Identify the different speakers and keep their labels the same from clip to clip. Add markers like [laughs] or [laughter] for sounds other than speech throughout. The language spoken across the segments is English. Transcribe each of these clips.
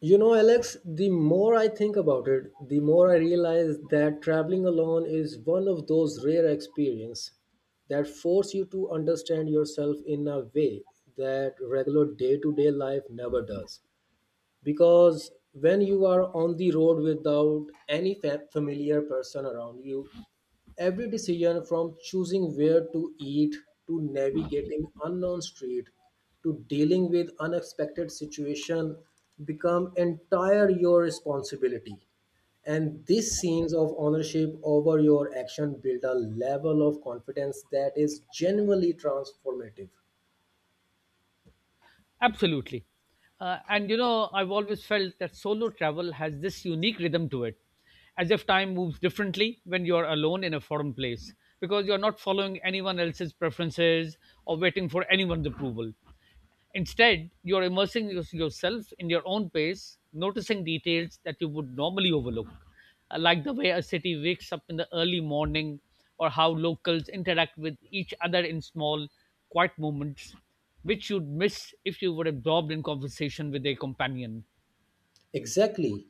Speaker 1: You know, Alex, the more I think about it, the more I realize that traveling alone is one of those rare experiences that force you to understand yourself in a way that regular day-to-day life never does. Because when you are on the road without any familiar person around you, every decision from choosing where to eat to navigating unknown street to dealing with unexpected situation become entire your responsibility. And these scenes of ownership over your action build a level of confidence that is genuinely transformative.
Speaker 2: Absolutely. And you know, I've always felt that solo travel has this unique rhythm to it, as if time moves differently when you're alone in a foreign place, because you're not following anyone else's preferences or waiting for anyone's approval. Instead, you're immersing yourself in your own pace, noticing details that you would normally overlook, like the way a city wakes up in the early morning or how locals interact with each other in small, quiet moments, which you'd miss if you were absorbed in conversation with a companion.
Speaker 1: Exactly.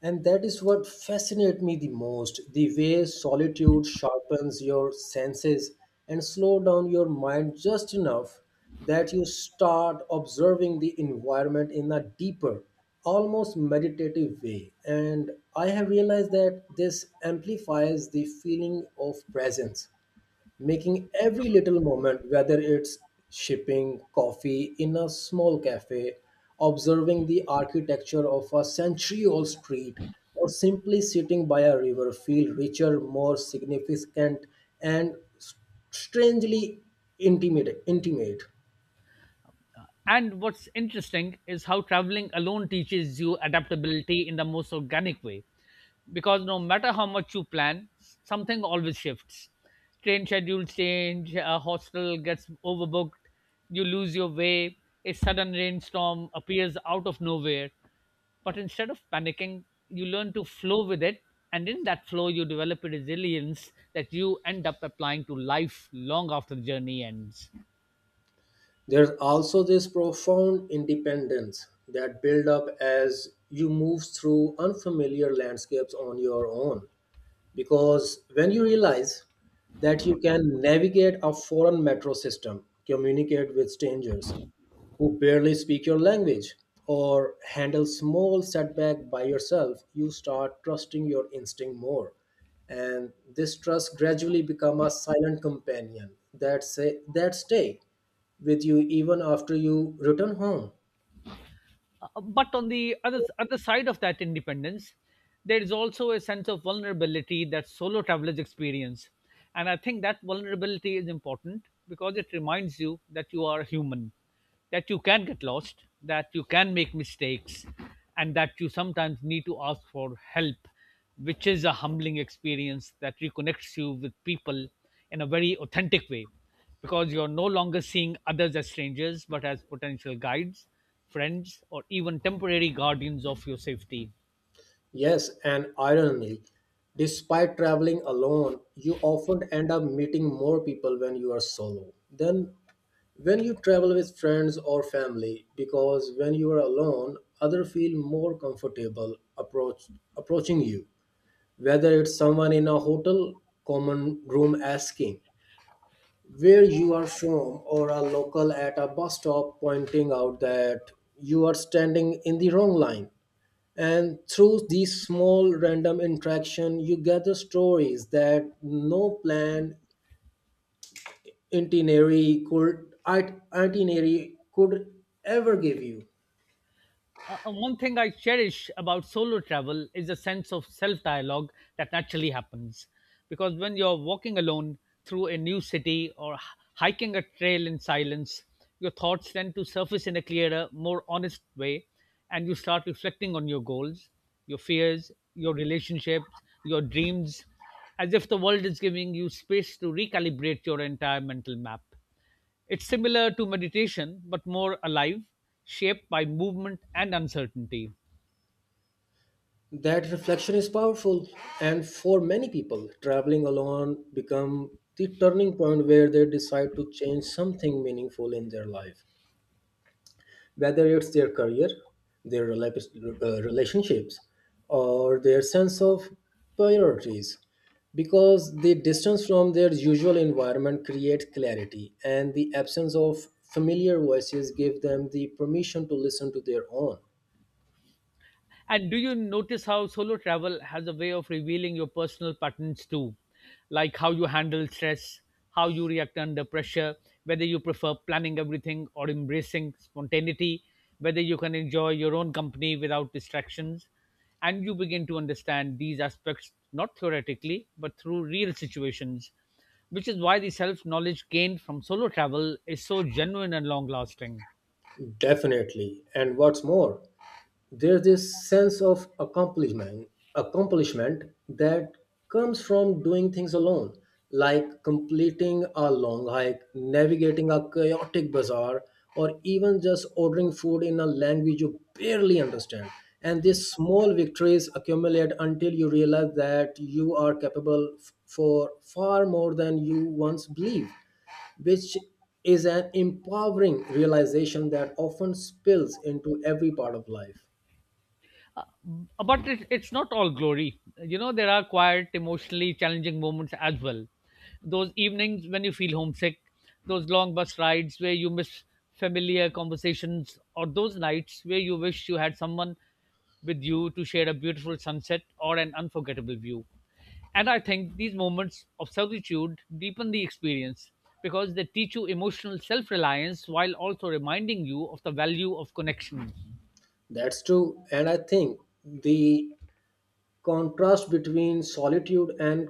Speaker 1: And that is what fascinates me the most, the way solitude sharpens your senses and slow down your mind just enough that you start observing the environment in a deeper, almost meditative way. And I have realized that this amplifies the feeling of presence making every little moment, whether it's sipping coffee in a small cafe, observing the architecture of a century old street, or simply sitting by a river, feel richer, more significant, and strangely intimate.
Speaker 2: And what's interesting is how traveling alone teaches you adaptability in the most organic way. Because no matter how much you plan, something always shifts. Train schedules change, a hostel gets overbooked, you lose your way, a sudden rainstorm appears out of nowhere. But instead of panicking, you learn to flow with it. And in that flow, you develop a resilience that you end up applying to life long after the journey ends.
Speaker 1: There's also this profound independence that build up as you move through unfamiliar landscapes on your own, because when you realize that you can navigate a foreign metro system, communicate with strangers who barely speak your language, or handle small setback by yourself, you start trusting your instinct more. And this trust gradually become a silent companion that say that stay with you even after you return home.
Speaker 2: But on the other side of that independence, there is also a sense of vulnerability that solo travelers experience, and I think that vulnerability is important because it reminds you that you are human, that you can get lost, that you can make mistakes, and that you sometimes need to ask for help, which is a humbling experience that reconnects you with people in a very authentic way because you're no longer seeing others as strangers but as potential guides, friends, or even temporary guardians of your safety.
Speaker 1: Yes, and ironically, despite traveling alone, you often end up meeting more people when you are solo than when you travel with friends or family, because when you are alone, others feel more comfortable approaching you. Whether it's someone in a hotel common room asking where you are from, or a local at a bus stop pointing out that you are standing in the wrong line, and through these small random interaction, you gather stories that no planned itinerary could ever give you.
Speaker 2: One thing I cherish about solo travel is a sense of self dialogue that naturally happens. Because when you're walking alone through a new city or hiking a trail in silence, your thoughts tend to surface in a clearer, more honest way, and you start reflecting on your goals, your fears, your relationships, your dreams, as if the world is giving you space to recalibrate your entire mental map. It's similar to meditation, but more alive, shaped by movement and uncertainty.
Speaker 1: That reflection is powerful, and for many people, traveling alone become the turning point where they decide to change something meaningful in their life, whether it's their career, their relationships, or their sense of priorities. Because the distance from their usual environment creates clarity, and the absence of familiar voices give them the permission to listen to their own.
Speaker 2: And do you notice how solo travel has a way of revealing your personal patterns too? Like how you handle stress, how you react under pressure, whether you prefer planning everything or embracing spontaneity, whether you can enjoy your own company without distractions. And you begin to understand these aspects not theoretically, but through real situations, which is why the self knowledge gained from solo travel is so genuine and long lasting.
Speaker 1: Definitely. And what's more, there's this sense of accomplishment that comes from doing things alone, like completing a long hike, navigating a chaotic bazaar, or even just ordering food in a language you barely understand. And these small victories accumulate until you realize that you are capable for far more than you once believed, which is an empowering realization that often spills into every part of life.
Speaker 2: Uh, but it's not all glory. You know, there are quiet, emotionally challenging moments as well. Those evenings when you feel homesick, those long bus rides where you miss familiar conversations, or those nights where you wish you had someone with you to share a beautiful sunset or an unforgettable view. And I think these moments of solitude deepen the experience because they teach you emotional self reliance while also reminding you of the value of connection.
Speaker 1: That's true. And I think the contrast between solitude and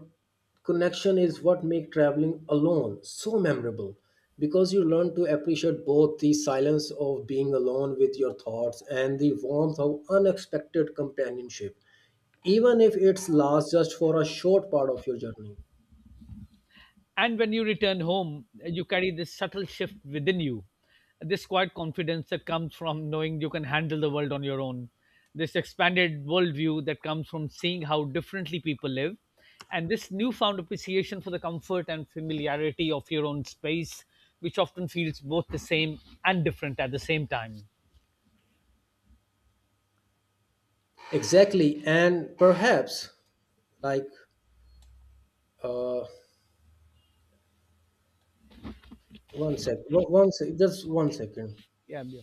Speaker 1: connection is what make traveling alone so memorable, because you learn to appreciate both the silence of being alone with your thoughts and the warmth of unexpected companionship, even if it lasts just for a short part of your journey.
Speaker 2: And when you return home, you carry this subtle shift within you, this quiet confidence that comes from knowing you can handle the world on your own, this expanded worldview that comes from seeing how differently people live, and this newfound appreciation for the comfort and familiarity of your own space, which often feels both the same and different at the same time.
Speaker 1: Exactly, and perhaps, like uh one sec one, one sec just one second.
Speaker 2: Yeah, yeah.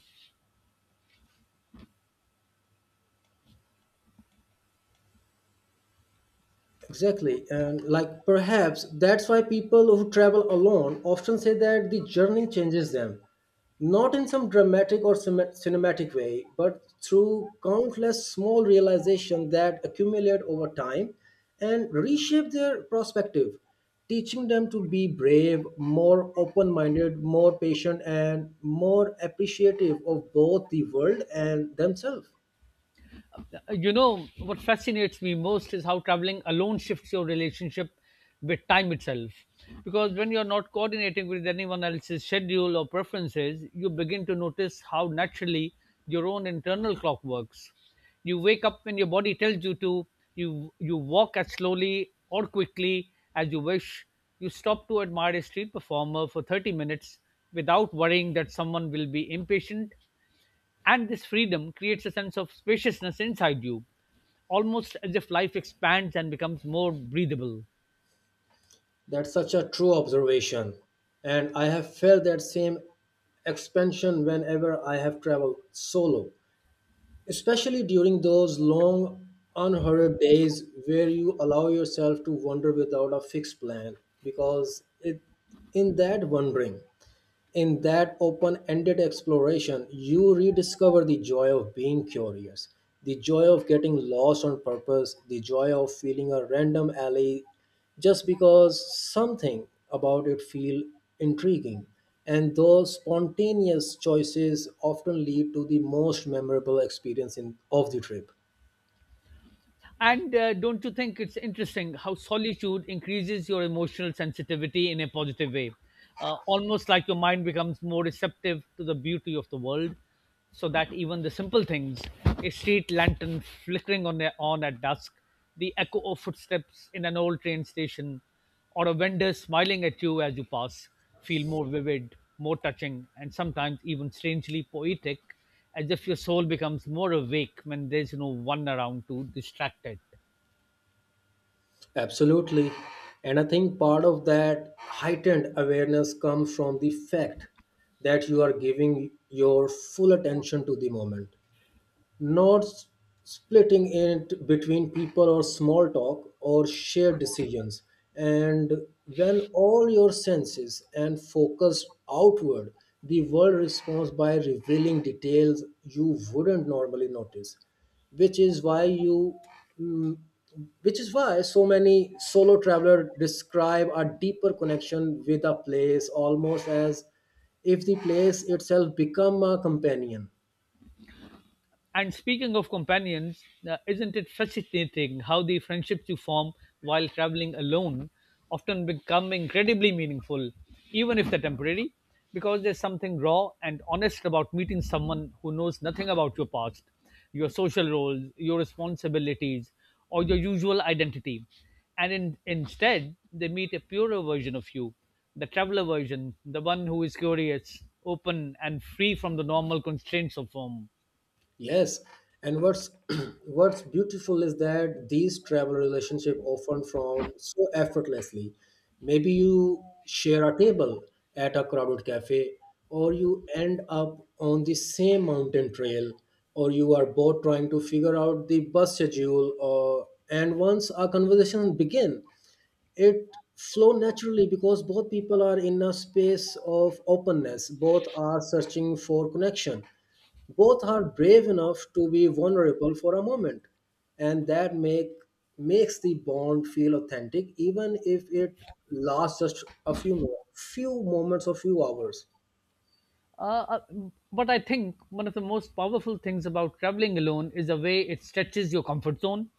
Speaker 1: Exactly. And, like, perhaps that's why people who travel alone often say that the journey changes them, not in some dramatic or cinematic way, but through countless small realizations that accumulate over time and reshape their perspective, teaching them to be brave, more open minded, more patient, and more appreciative of both the world and themselves.
Speaker 2: You know what fascinates me most is how traveling alone shifts your relationship with time itself, because when you're not coordinating with anyone else's schedule or preferences, you begin to notice how naturally your own internal clock works. You wake up when your body tells you to, you walk as slowly or quickly as you wish, you stop to admire a street performer for 30 minutes without worrying that someone will be impatient, and this freedom creates a sense of spaciousness inside you, almost as if life expands and becomes more breathable.
Speaker 1: That's such a true observation. And I have felt that same expansion whenever I have traveled solo, especially during those long, unhurried days where you allow yourself to wander without a fixed plan, because it, in that wandering, in that open ended exploration, you rediscover the joy of being curious, the joy of getting lost on purpose, the joy of feeling a random alley just because something about it feel intriguing. And those spontaneous choices often lead to the most memorable experience of the trip.
Speaker 2: And don't you think it's interesting how solitude increases your emotional sensitivity in a positive way? Almost like your mind becomes more receptive to the beauty of the world, so that even the simple things, a street lantern flickering on at dusk, the echo of footsteps in an old train station, or a vendor smiling at you as you pass, feel more vivid, more touching, and sometimes even strangely poetic, as if your soul becomes more awake when there's no one around to distract it.
Speaker 1: Absolutely. And I think part of that heightened awareness comes from the fact that you are giving your full attention to the moment, not splitting it between people or small talk or shared decisions. And when all your senses and focus outward, the world responds by revealing details you wouldn't normally notice, which is why you. mm, which is why so many solo travelers describe a deeper connection with a place, almost as if the place itself become a companion.
Speaker 2: And speaking of companions, isn't it fascinating how the friendships you form while traveling alone often become incredibly meaningful, even if they're temporary? Because there's something raw and honest about meeting someone who knows nothing about your past, your social roles, your responsibilities, or your usual identity. And instead, they meet a purer version of you, the traveler version, the one who is curious, open, and free from the normal constraints of home.
Speaker 1: Yes, and what's [clears throat] what's beautiful is that these travel relationships often from so effortlessly. Maybe you share a table at a crowded cafe, or you end up on the same mountain trail, or you are both trying to figure out the bus schedule, or and once our conversation begin, it flow naturally because both people are in a space of openness, both are searching for connection, both are brave enough to be vulnerable for a moment, and that makes the bond feel authentic even if it lasts just a few moments or few hours.
Speaker 2: Uh, uh, but I think one of the most powerful things about traveling alone is the way it stretches your comfort zone,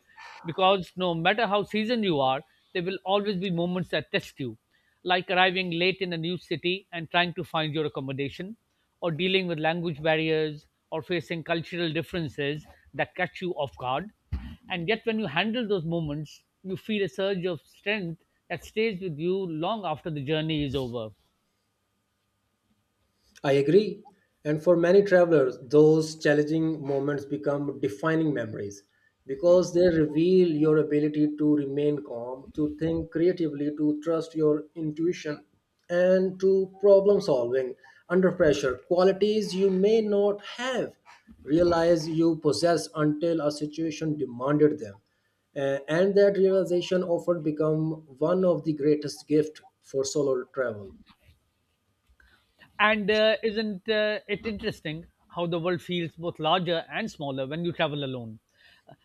Speaker 2: because no matter how seasoned you are, there will always be moments that test you, like arriving late in a new city and trying to find your accommodation, or dealing with language barriers, or facing cultural differences that catch you off guard. And yet, when you handle those moments, you feel a surge of strength that stays with you long after the journey is over.
Speaker 1: I agree. And for many travelers, those challenging moments become defining memories because they reveal your ability to remain calm, to think creatively, to trust your intuition, and to problem solving under pressure. Qualities you may not have realized you possess until a situation demanded them. And that realization often become one of the greatest gift for solo travel.
Speaker 2: And isn't it interesting how the world feels both larger and smaller when you travel alone?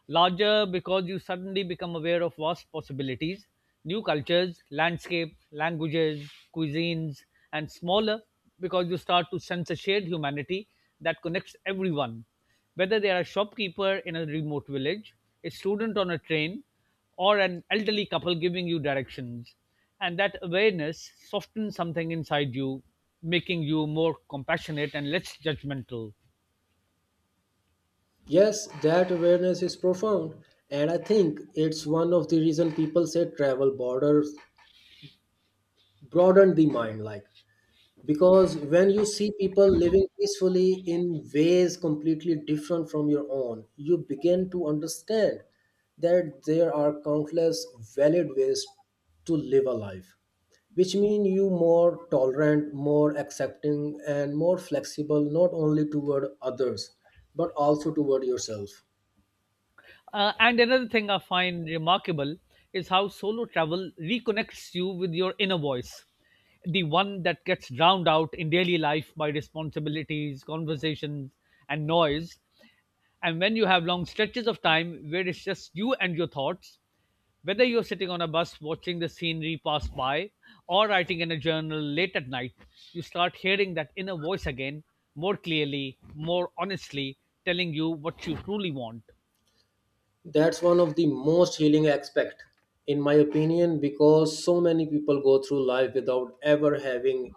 Speaker 2: Larger because you suddenly become aware of vast possibilities, new cultures, landscape, languages, cuisines, and smaller because you start to sense a shared humanity that connects everyone. Whether they are a shopkeeper in a remote village, a student on a train, or an elderly couple giving you directions, and that awareness softens something inside you, making you more compassionate and less judgmental.
Speaker 1: Yes, that awareness is profound, and I think it's one of the reason people say travel borders broaden the mind, like, because when you see people living peacefully in ways completely different from your own, you begin to understand that there are countless valid ways to live a life, which mean you more tolerant, more accepting, and more flexible not only toward others but also toward yourself.
Speaker 2: And another thing I find remarkable is how solo travel reconnects you with your inner voice, the one that gets drowned out in daily life by responsibilities, conversations, and noise. And when you have long stretches of time where it's just you and your thoughts, whether you're sitting on a bus watching the scenery pass by or writing in a journal late at night, you start hearing that inner voice again, more clearly, more honestly, telling you what you truly want.
Speaker 1: That's one of the most healing aspect in my opinion, because so many people go through life without ever having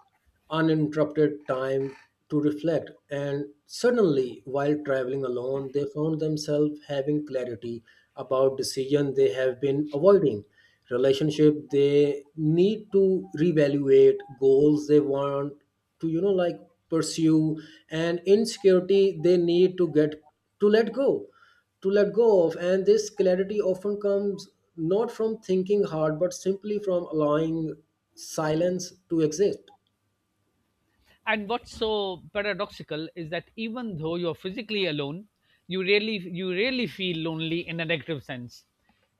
Speaker 1: uninterrupted time to reflect, and suddenly while traveling alone they found themselves having clarity about decision they have been avoiding, relationship they need to reevaluate, goals they want to like pursue, and insecurity they need to get to let go to let go of. And this clarity often comes not from thinking hard, but simply from allowing silence to exist.
Speaker 2: And what's so paradoxical is that even though you're physically alone, you really feel lonely in a negative sense.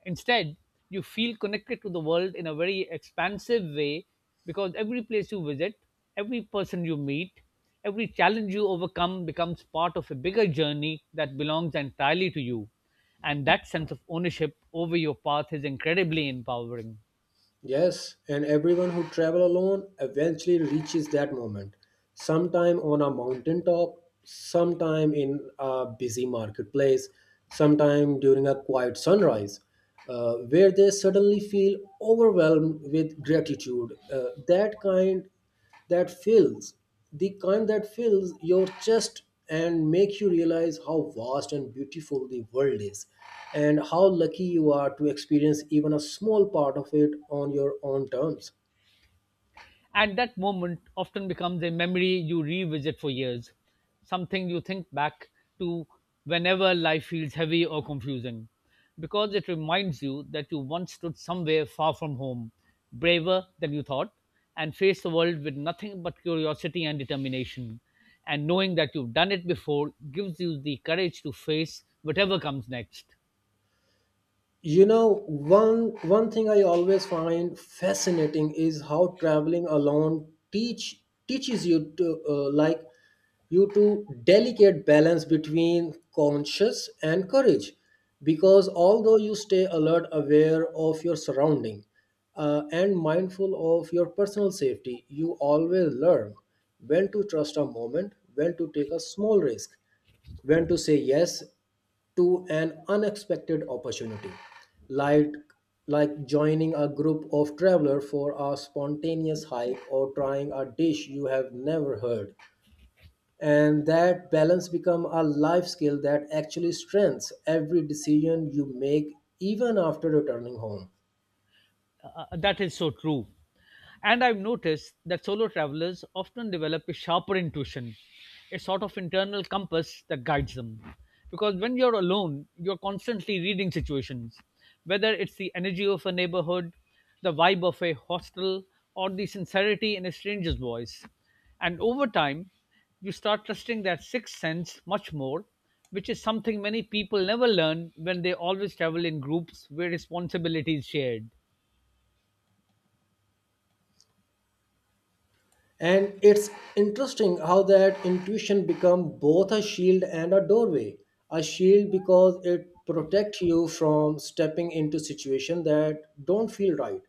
Speaker 2: Instead, you feel connected to the world in a very expansive way because every place you visit, every person you meet, every challenge you overcome becomes part of a bigger journey that belongs entirely to you. And that sense of ownership over your path is incredibly empowering.
Speaker 1: Yes, and everyone who travel alone eventually reaches that moment, sometime on a mountaintop, sometime in a busy marketplace, sometime during a quiet sunrise, where they suddenly feel overwhelmed with gratitude. That kind that fills the kind that fills your chest and make you realize how vast and beautiful the world is, and how lucky you are to experience even a small part of it on your own terms.
Speaker 2: And that moment often becomes a memory you revisit for years, something you think back to whenever life feels heavy or confusing, because it reminds you that you once stood somewhere far from home, braver than you thought, and faced the world with nothing but curiosity and determination. And knowing that you've done it before gives you the courage to face whatever comes next.
Speaker 1: You know, one thing I always find fascinating is how traveling alone teaches you to delicate balance between conscious and courage, because although you stay alert, aware of your surrounding, and mindful of your personal safety, you always learn when to trust a moment, when to take a small risk, when to say yes to an unexpected opportunity, like like joining a group of travelers for a spontaneous hike or trying a dish you have never heard. And that balance become a life skill that actually strengthens every decision you make even after returning home.
Speaker 2: That is so true. And I've noticed that solo travelers often develop a sharper intuition, a sort of internal compass that guides them. Because when you're alone, you're constantly reading situations, whether it's the energy of a neighborhood, the vibe of a hostel, or the sincerity in a stranger's voice. And over time, you start trusting that sixth sense much more, which is something many people never learn when they always travel in groups where responsibility is shared.
Speaker 1: And it's interesting how that intuition become both a shield and a doorway. A shield because it protects you from stepping into situation that don't feel right,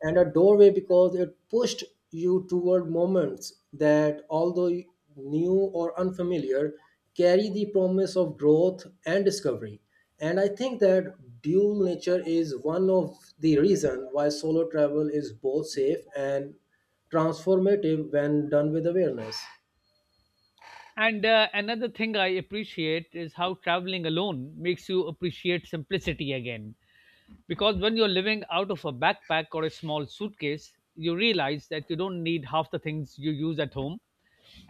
Speaker 1: and a doorway because it pushed you toward moments that, although new or unfamiliar, carry the promise of growth and discovery. And I think that dual nature is one of the reason why solo travel is both safe and transformative when done with awareness.
Speaker 2: And another thing I appreciate is how traveling alone makes you appreciate simplicity again. Because when you're living out of a backpack or a small suitcase, you realize that you don't need half the things you use at home.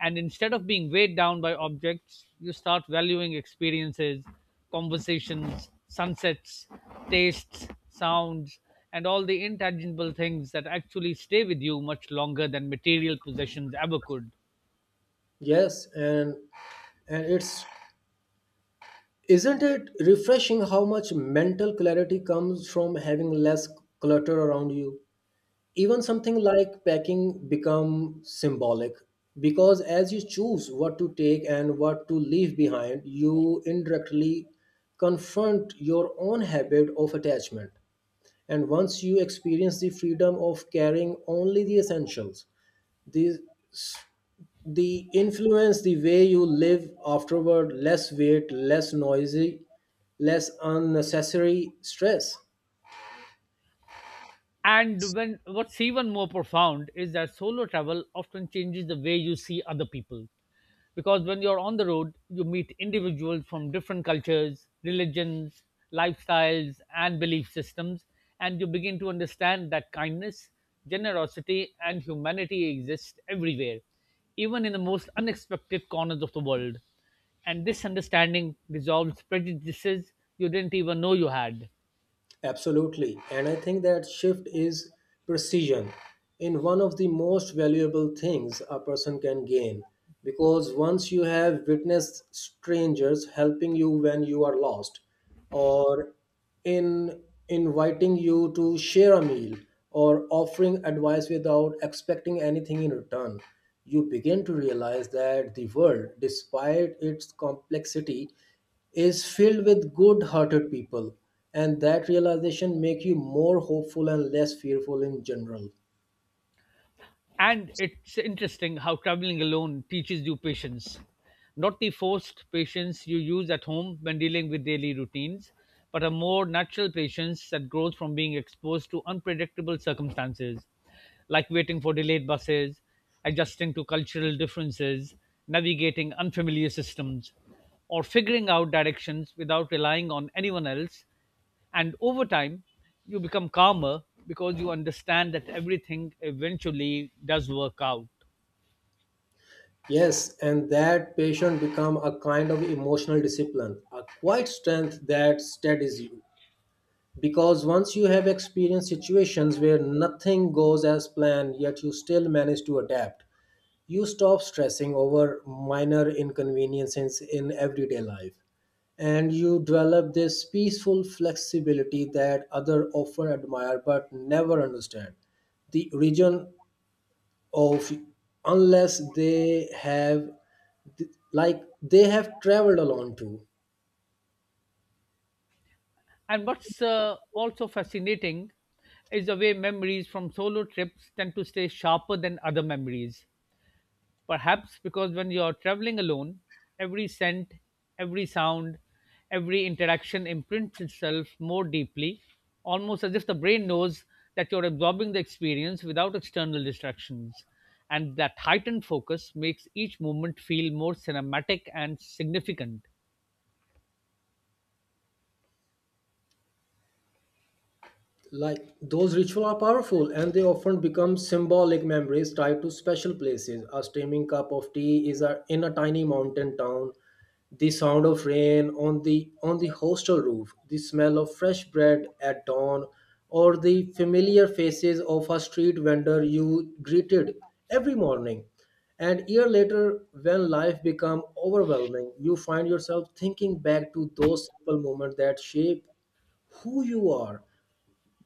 Speaker 2: And instead of being weighed down by objects, you start valuing experiences, conversations, sunsets, tastes, sounds, and all the intangible things that actually stay with you much longer than material possessions ever could.
Speaker 1: Yes and and it's isn't it refreshing how much mental clarity comes from having less clutter around you. Even something like packing become symbolic, because as you choose what to take and what to leave behind you indirectly confront your own habit of attachment, and once you experience the freedom of carrying only the essentials, these the influence the way you live afterward: less weight, less noisy, less unnecessary stress.
Speaker 2: And when what's even more profound is that solo travel often changes the way you see other people. Because when you're on the road, you meet individuals from different cultures, religions, lifestyles, and belief systems, and you begin to understand that kindness, generosity, and humanity exist everywhere, even in the most unexpected corners of the world. And this understanding dissolves prejudices you didn't even know you had.
Speaker 1: Absolutely. And I think that shift is precision in one of the most valuable things a person can gain. Because once you have witnessed strangers helping you when you are lost, or in inviting you to share a meal, or offering advice without expecting anything in return, you begin to realize that the world, despite its complexity, is filled with good-hearted people, and that realization make you more hopeful and less fearful in general.
Speaker 2: And it's interesting how traveling alone teaches you patience. Not the forced patience you use at home when dealing with daily routines, but a more natural patience that grows from being exposed to unpredictable circumstances, like waiting for delayed buses, adjusting to cultural differences, navigating unfamiliar systems, or figuring out directions without relying on anyone else, and over time you become calmer because you understand that everything eventually does work out.
Speaker 1: Yes, and that patience become a kind of emotional discipline, a quiet strength that steadies you, because once you have experienced situations where nothing goes as planned, yet you still manage to adapt. You stop stressing over minor inconveniences in everyday life, and you develop this peaceful flexibility that others often admire but never understand. The origin of, unless they have, like, they have traveled along too.
Speaker 2: And what's also fascinating is the way memories from solo trips tend to stay sharper than other memories. Perhaps because when you're traveling alone, every scent, every sound, every interaction imprints itself more deeply, almost as if the brain knows that you're absorbing the experience without external distractions. And that heightened focus makes each moment feel more cinematic and significant.
Speaker 1: Like, those rituals are powerful, and they often become symbolic memories tied to special places. A steaming cup of tea is a, in a tiny mountain town, the sound of rain on the hostel roof, the smell of fresh bread at dawn, or the familiar faces of a street vendor you greeted every morning. And year later, when life become overwhelming, you find yourself thinking back to those simple moments that shape who you are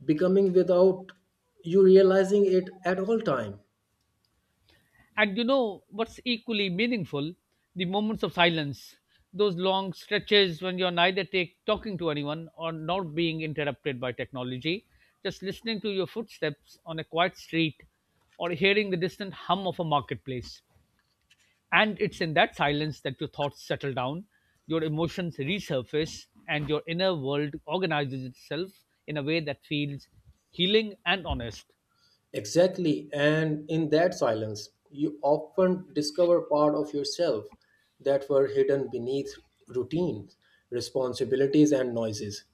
Speaker 1: becoming without you realizing it at all time.
Speaker 2: And you know what's equally meaningful? The moments of silence, those long stretches when you're neither take, talking to anyone or not being interrupted by technology, just listening to your footsteps on a quiet street or hearing the distant hum of a marketplace. And it's in that silence that your thoughts settle down, your emotions resurface, and your inner world organizes itself in a way that feels healing and honest.
Speaker 1: Exactly, and in that silence you often discover part of yourself that were hidden beneath routines, responsibilities, and noises.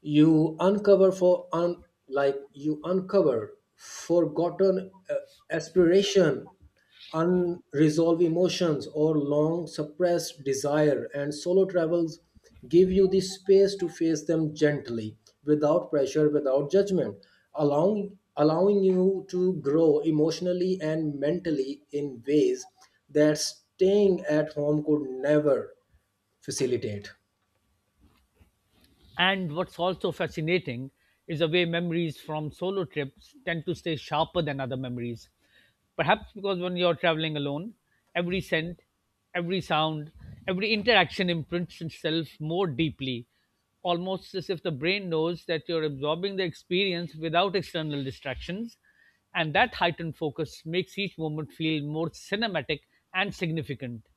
Speaker 1: You uncover for you uncover forgotten aspiration, unresolved emotions, or long suppressed desire, and solo travels give you the space to face them gently, without pressure, without judgment, allowing you to grow emotionally and mentally in ways that staying at home could never facilitate.
Speaker 2: And what's also fascinating is the way memories from solo trips tend to stay sharper than other memories. Perhaps because when you're traveling alone, every scent, every sound, every interaction imprints itself more deeply, almost as if the brain knows that you're absorbing the experience without external distractions. And that heightened focus makes each moment feel more cinematic and significant.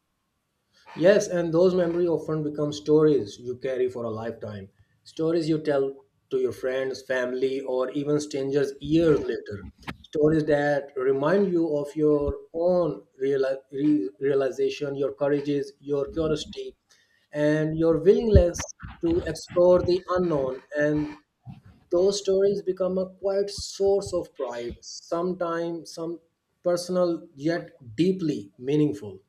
Speaker 1: Yes, and those memories often become stories you carry for a lifetime. Stories you tell to your friends, family, or even strangers years later. Stories that remind you of your own realization, your courages, your curiosity, and your willingness to explore the unknown. And those stories become a quiet source of pride, sometimes some personal yet deeply meaningful.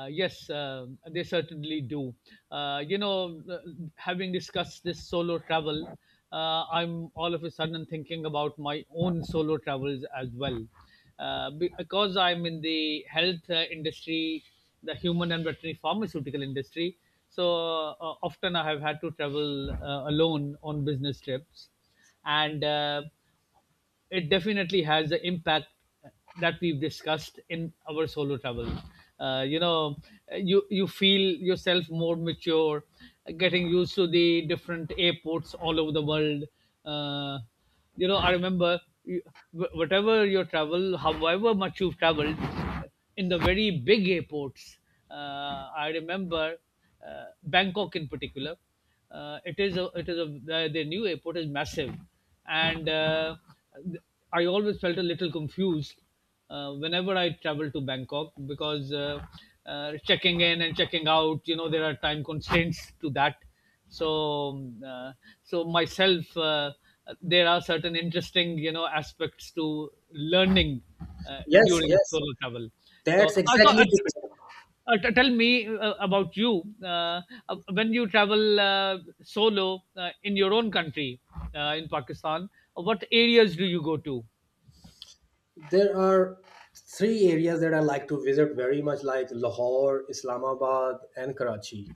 Speaker 2: Yes, they certainly do. Uh, you know, uh, Having discussed this solo travel, I'm all of a sudden thinking about my own solo travels as well. Because I'm in the health industry, the human and veterinary pharmaceutical industry, so often I have had to travel alone on business trips, and it definitely has the impact that we've discussed in our solo travels. Uh, you know, you feel yourself more mature, getting used to the different airports all over the world. Uh, I remember whatever your travel, however much you've traveled, in the very big airports. I remember Bangkok in particular. It is a, the new airport is massive, and I always felt a little confused whenever I travel to Bangkok, because checking in and checking out, you know, there are time constraints to that. So, um, uh, so myself, there are certain interesting, you know, aspects to learning
Speaker 1: Yes,
Speaker 2: during
Speaker 1: yes.
Speaker 2: solo travel. So,
Speaker 1: That's
Speaker 2: also,
Speaker 1: exactly the thing.
Speaker 2: tell me about you, when you travel solo in your own country, in Pakistan. What areas do you go to?
Speaker 1: There are three areas that I like to visit very much, like Lahore, Islamabad, and Karachi.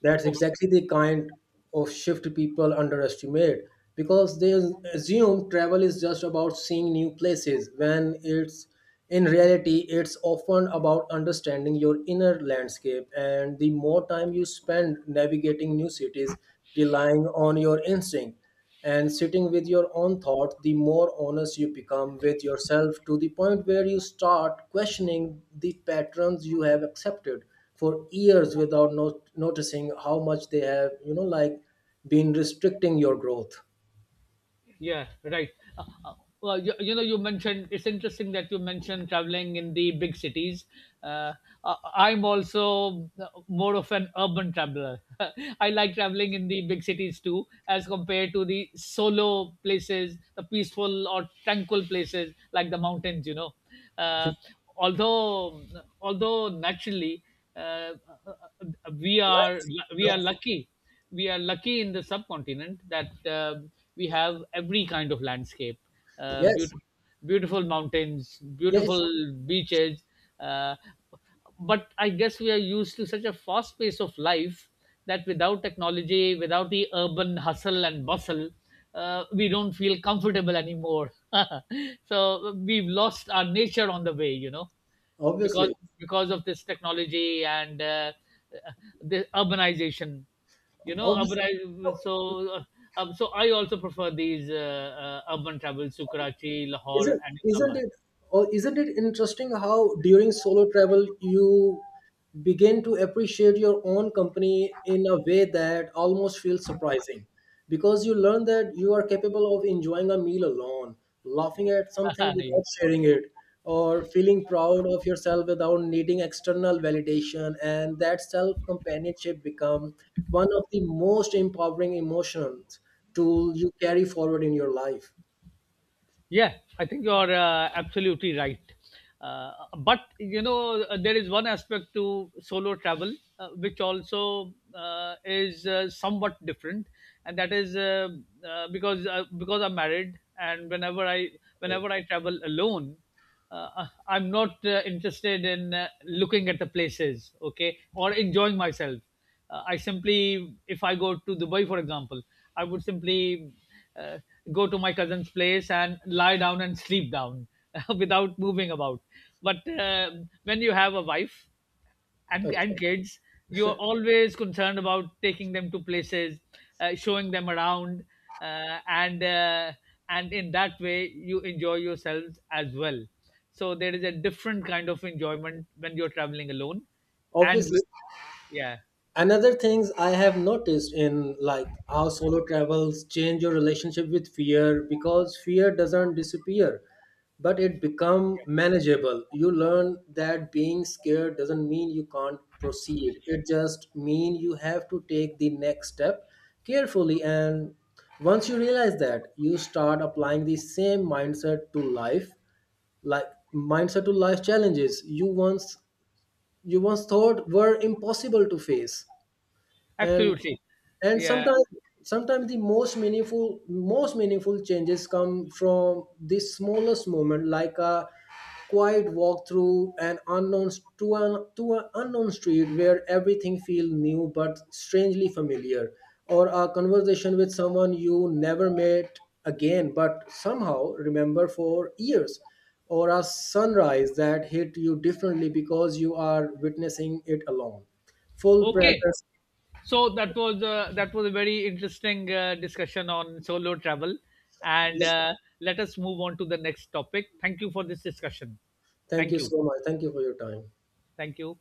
Speaker 1: That's exactly the kind of shift people underestimate, because they assume travel is just about seeing new places, when it's in reality it's often about understanding your inner landscape. And the more time you spend navigating new cities, relying on your instinct, and sitting with your own thought, the more honest you become with yourself, to the point where you start questioning the patterns you have accepted for years without noticing how much they have, you know, like, been restricting your growth.
Speaker 2: Yeah, right. Uh, uh, well, you know, you mentioned it's interesting that you mentioned traveling in the big cities. Uh, I- I'm also more of an urban traveler. [laughs] I like traveling in the big cities too, as compared to the solo places, the peaceful or tranquil places like the mountains. You know, uh, although although naturally, uh, uh, uh, we are
Speaker 1: Like-
Speaker 2: we are lucky we are lucky in the subcontinent that we
Speaker 1: like-
Speaker 2: have every kind of landscape,
Speaker 1: yes,
Speaker 2: beautiful beautiful mountains,
Speaker 1: yes.
Speaker 2: beautiful beaches, uh, but I guess we are used to such a fast pace of life that without technology, without the urban hustle and bustle, we don't feel comfortable anymore. [laughs] So we've lost our nature on the way, you know, because
Speaker 1: Obviously.
Speaker 2: of this technology and uh, the urbanization, you know urban
Speaker 1: Obviously.
Speaker 2: I, so so I also prefer these urban travels to Karachi, Lahore,
Speaker 1: Isn't
Speaker 2: and
Speaker 1: isn't
Speaker 2: Islamabad.
Speaker 1: it isn't it interesting how during solo travel you begin to appreciate your own company in a way that almost feels surprising, because you learn that you are capable of enjoying a meal alone, laughing at something
Speaker 2: [laughs] Yeah,
Speaker 1: without sharing it, or feeling proud of yourself without needing external validation. And that self companionship become one of the most empowering emotions tool you carry forward in your life.
Speaker 2: yeah, I think you're absolutely right. uh, but you know, there is one aspect to solo travel, which also is somewhat different, and that is because I'm married, and
Speaker 1: Right.
Speaker 2: whenever I travel alone, I'm not interested in looking at the places, okay, or enjoying myself. I simply, if I go to Dubai, for example, I would simply uh, go to my cousin's place and lie down and sleep down [laughs] without moving about. But when you have a wife, and
Speaker 1: Okay.
Speaker 2: kids, you're always concerned about taking them to places, showing them around, uh, and uh, and in that way you enjoy yourselves as well. So there is a different kind of enjoyment when you're traveling alone and
Speaker 1: Obviously.
Speaker 2: yeah,
Speaker 1: Another things I have noticed in, like, how solo travels change your relationship with fear, because fear doesn't disappear but it become manageable. You learn that being scared doesn't mean you can't proceed, it just mean you have to take the next step carefully. And once you realize that, you start applying the same mindset to life, like challenges you once, you once thought were impossible to face. And
Speaker 2: absolutely,
Speaker 1: and
Speaker 2: yeah.
Speaker 1: sometimes sometimes the most meaningful changes come from the smallest moment, like a quiet walk through an to an unknown street where everything feels new but strangely familiar, or a conversation with someone you never met again but somehow remember for years, or a sunrise that hit you differently because you are witnessing it alone, full
Speaker 2: Okay,
Speaker 1: presence.
Speaker 2: so that was a very interesting discussion on solo travel, and let us move on to the next topic. Thank you for this discussion.
Speaker 1: Thank
Speaker 2: Thank
Speaker 1: you
Speaker 2: you.
Speaker 1: so much. Thank you for your time.
Speaker 2: Thank you.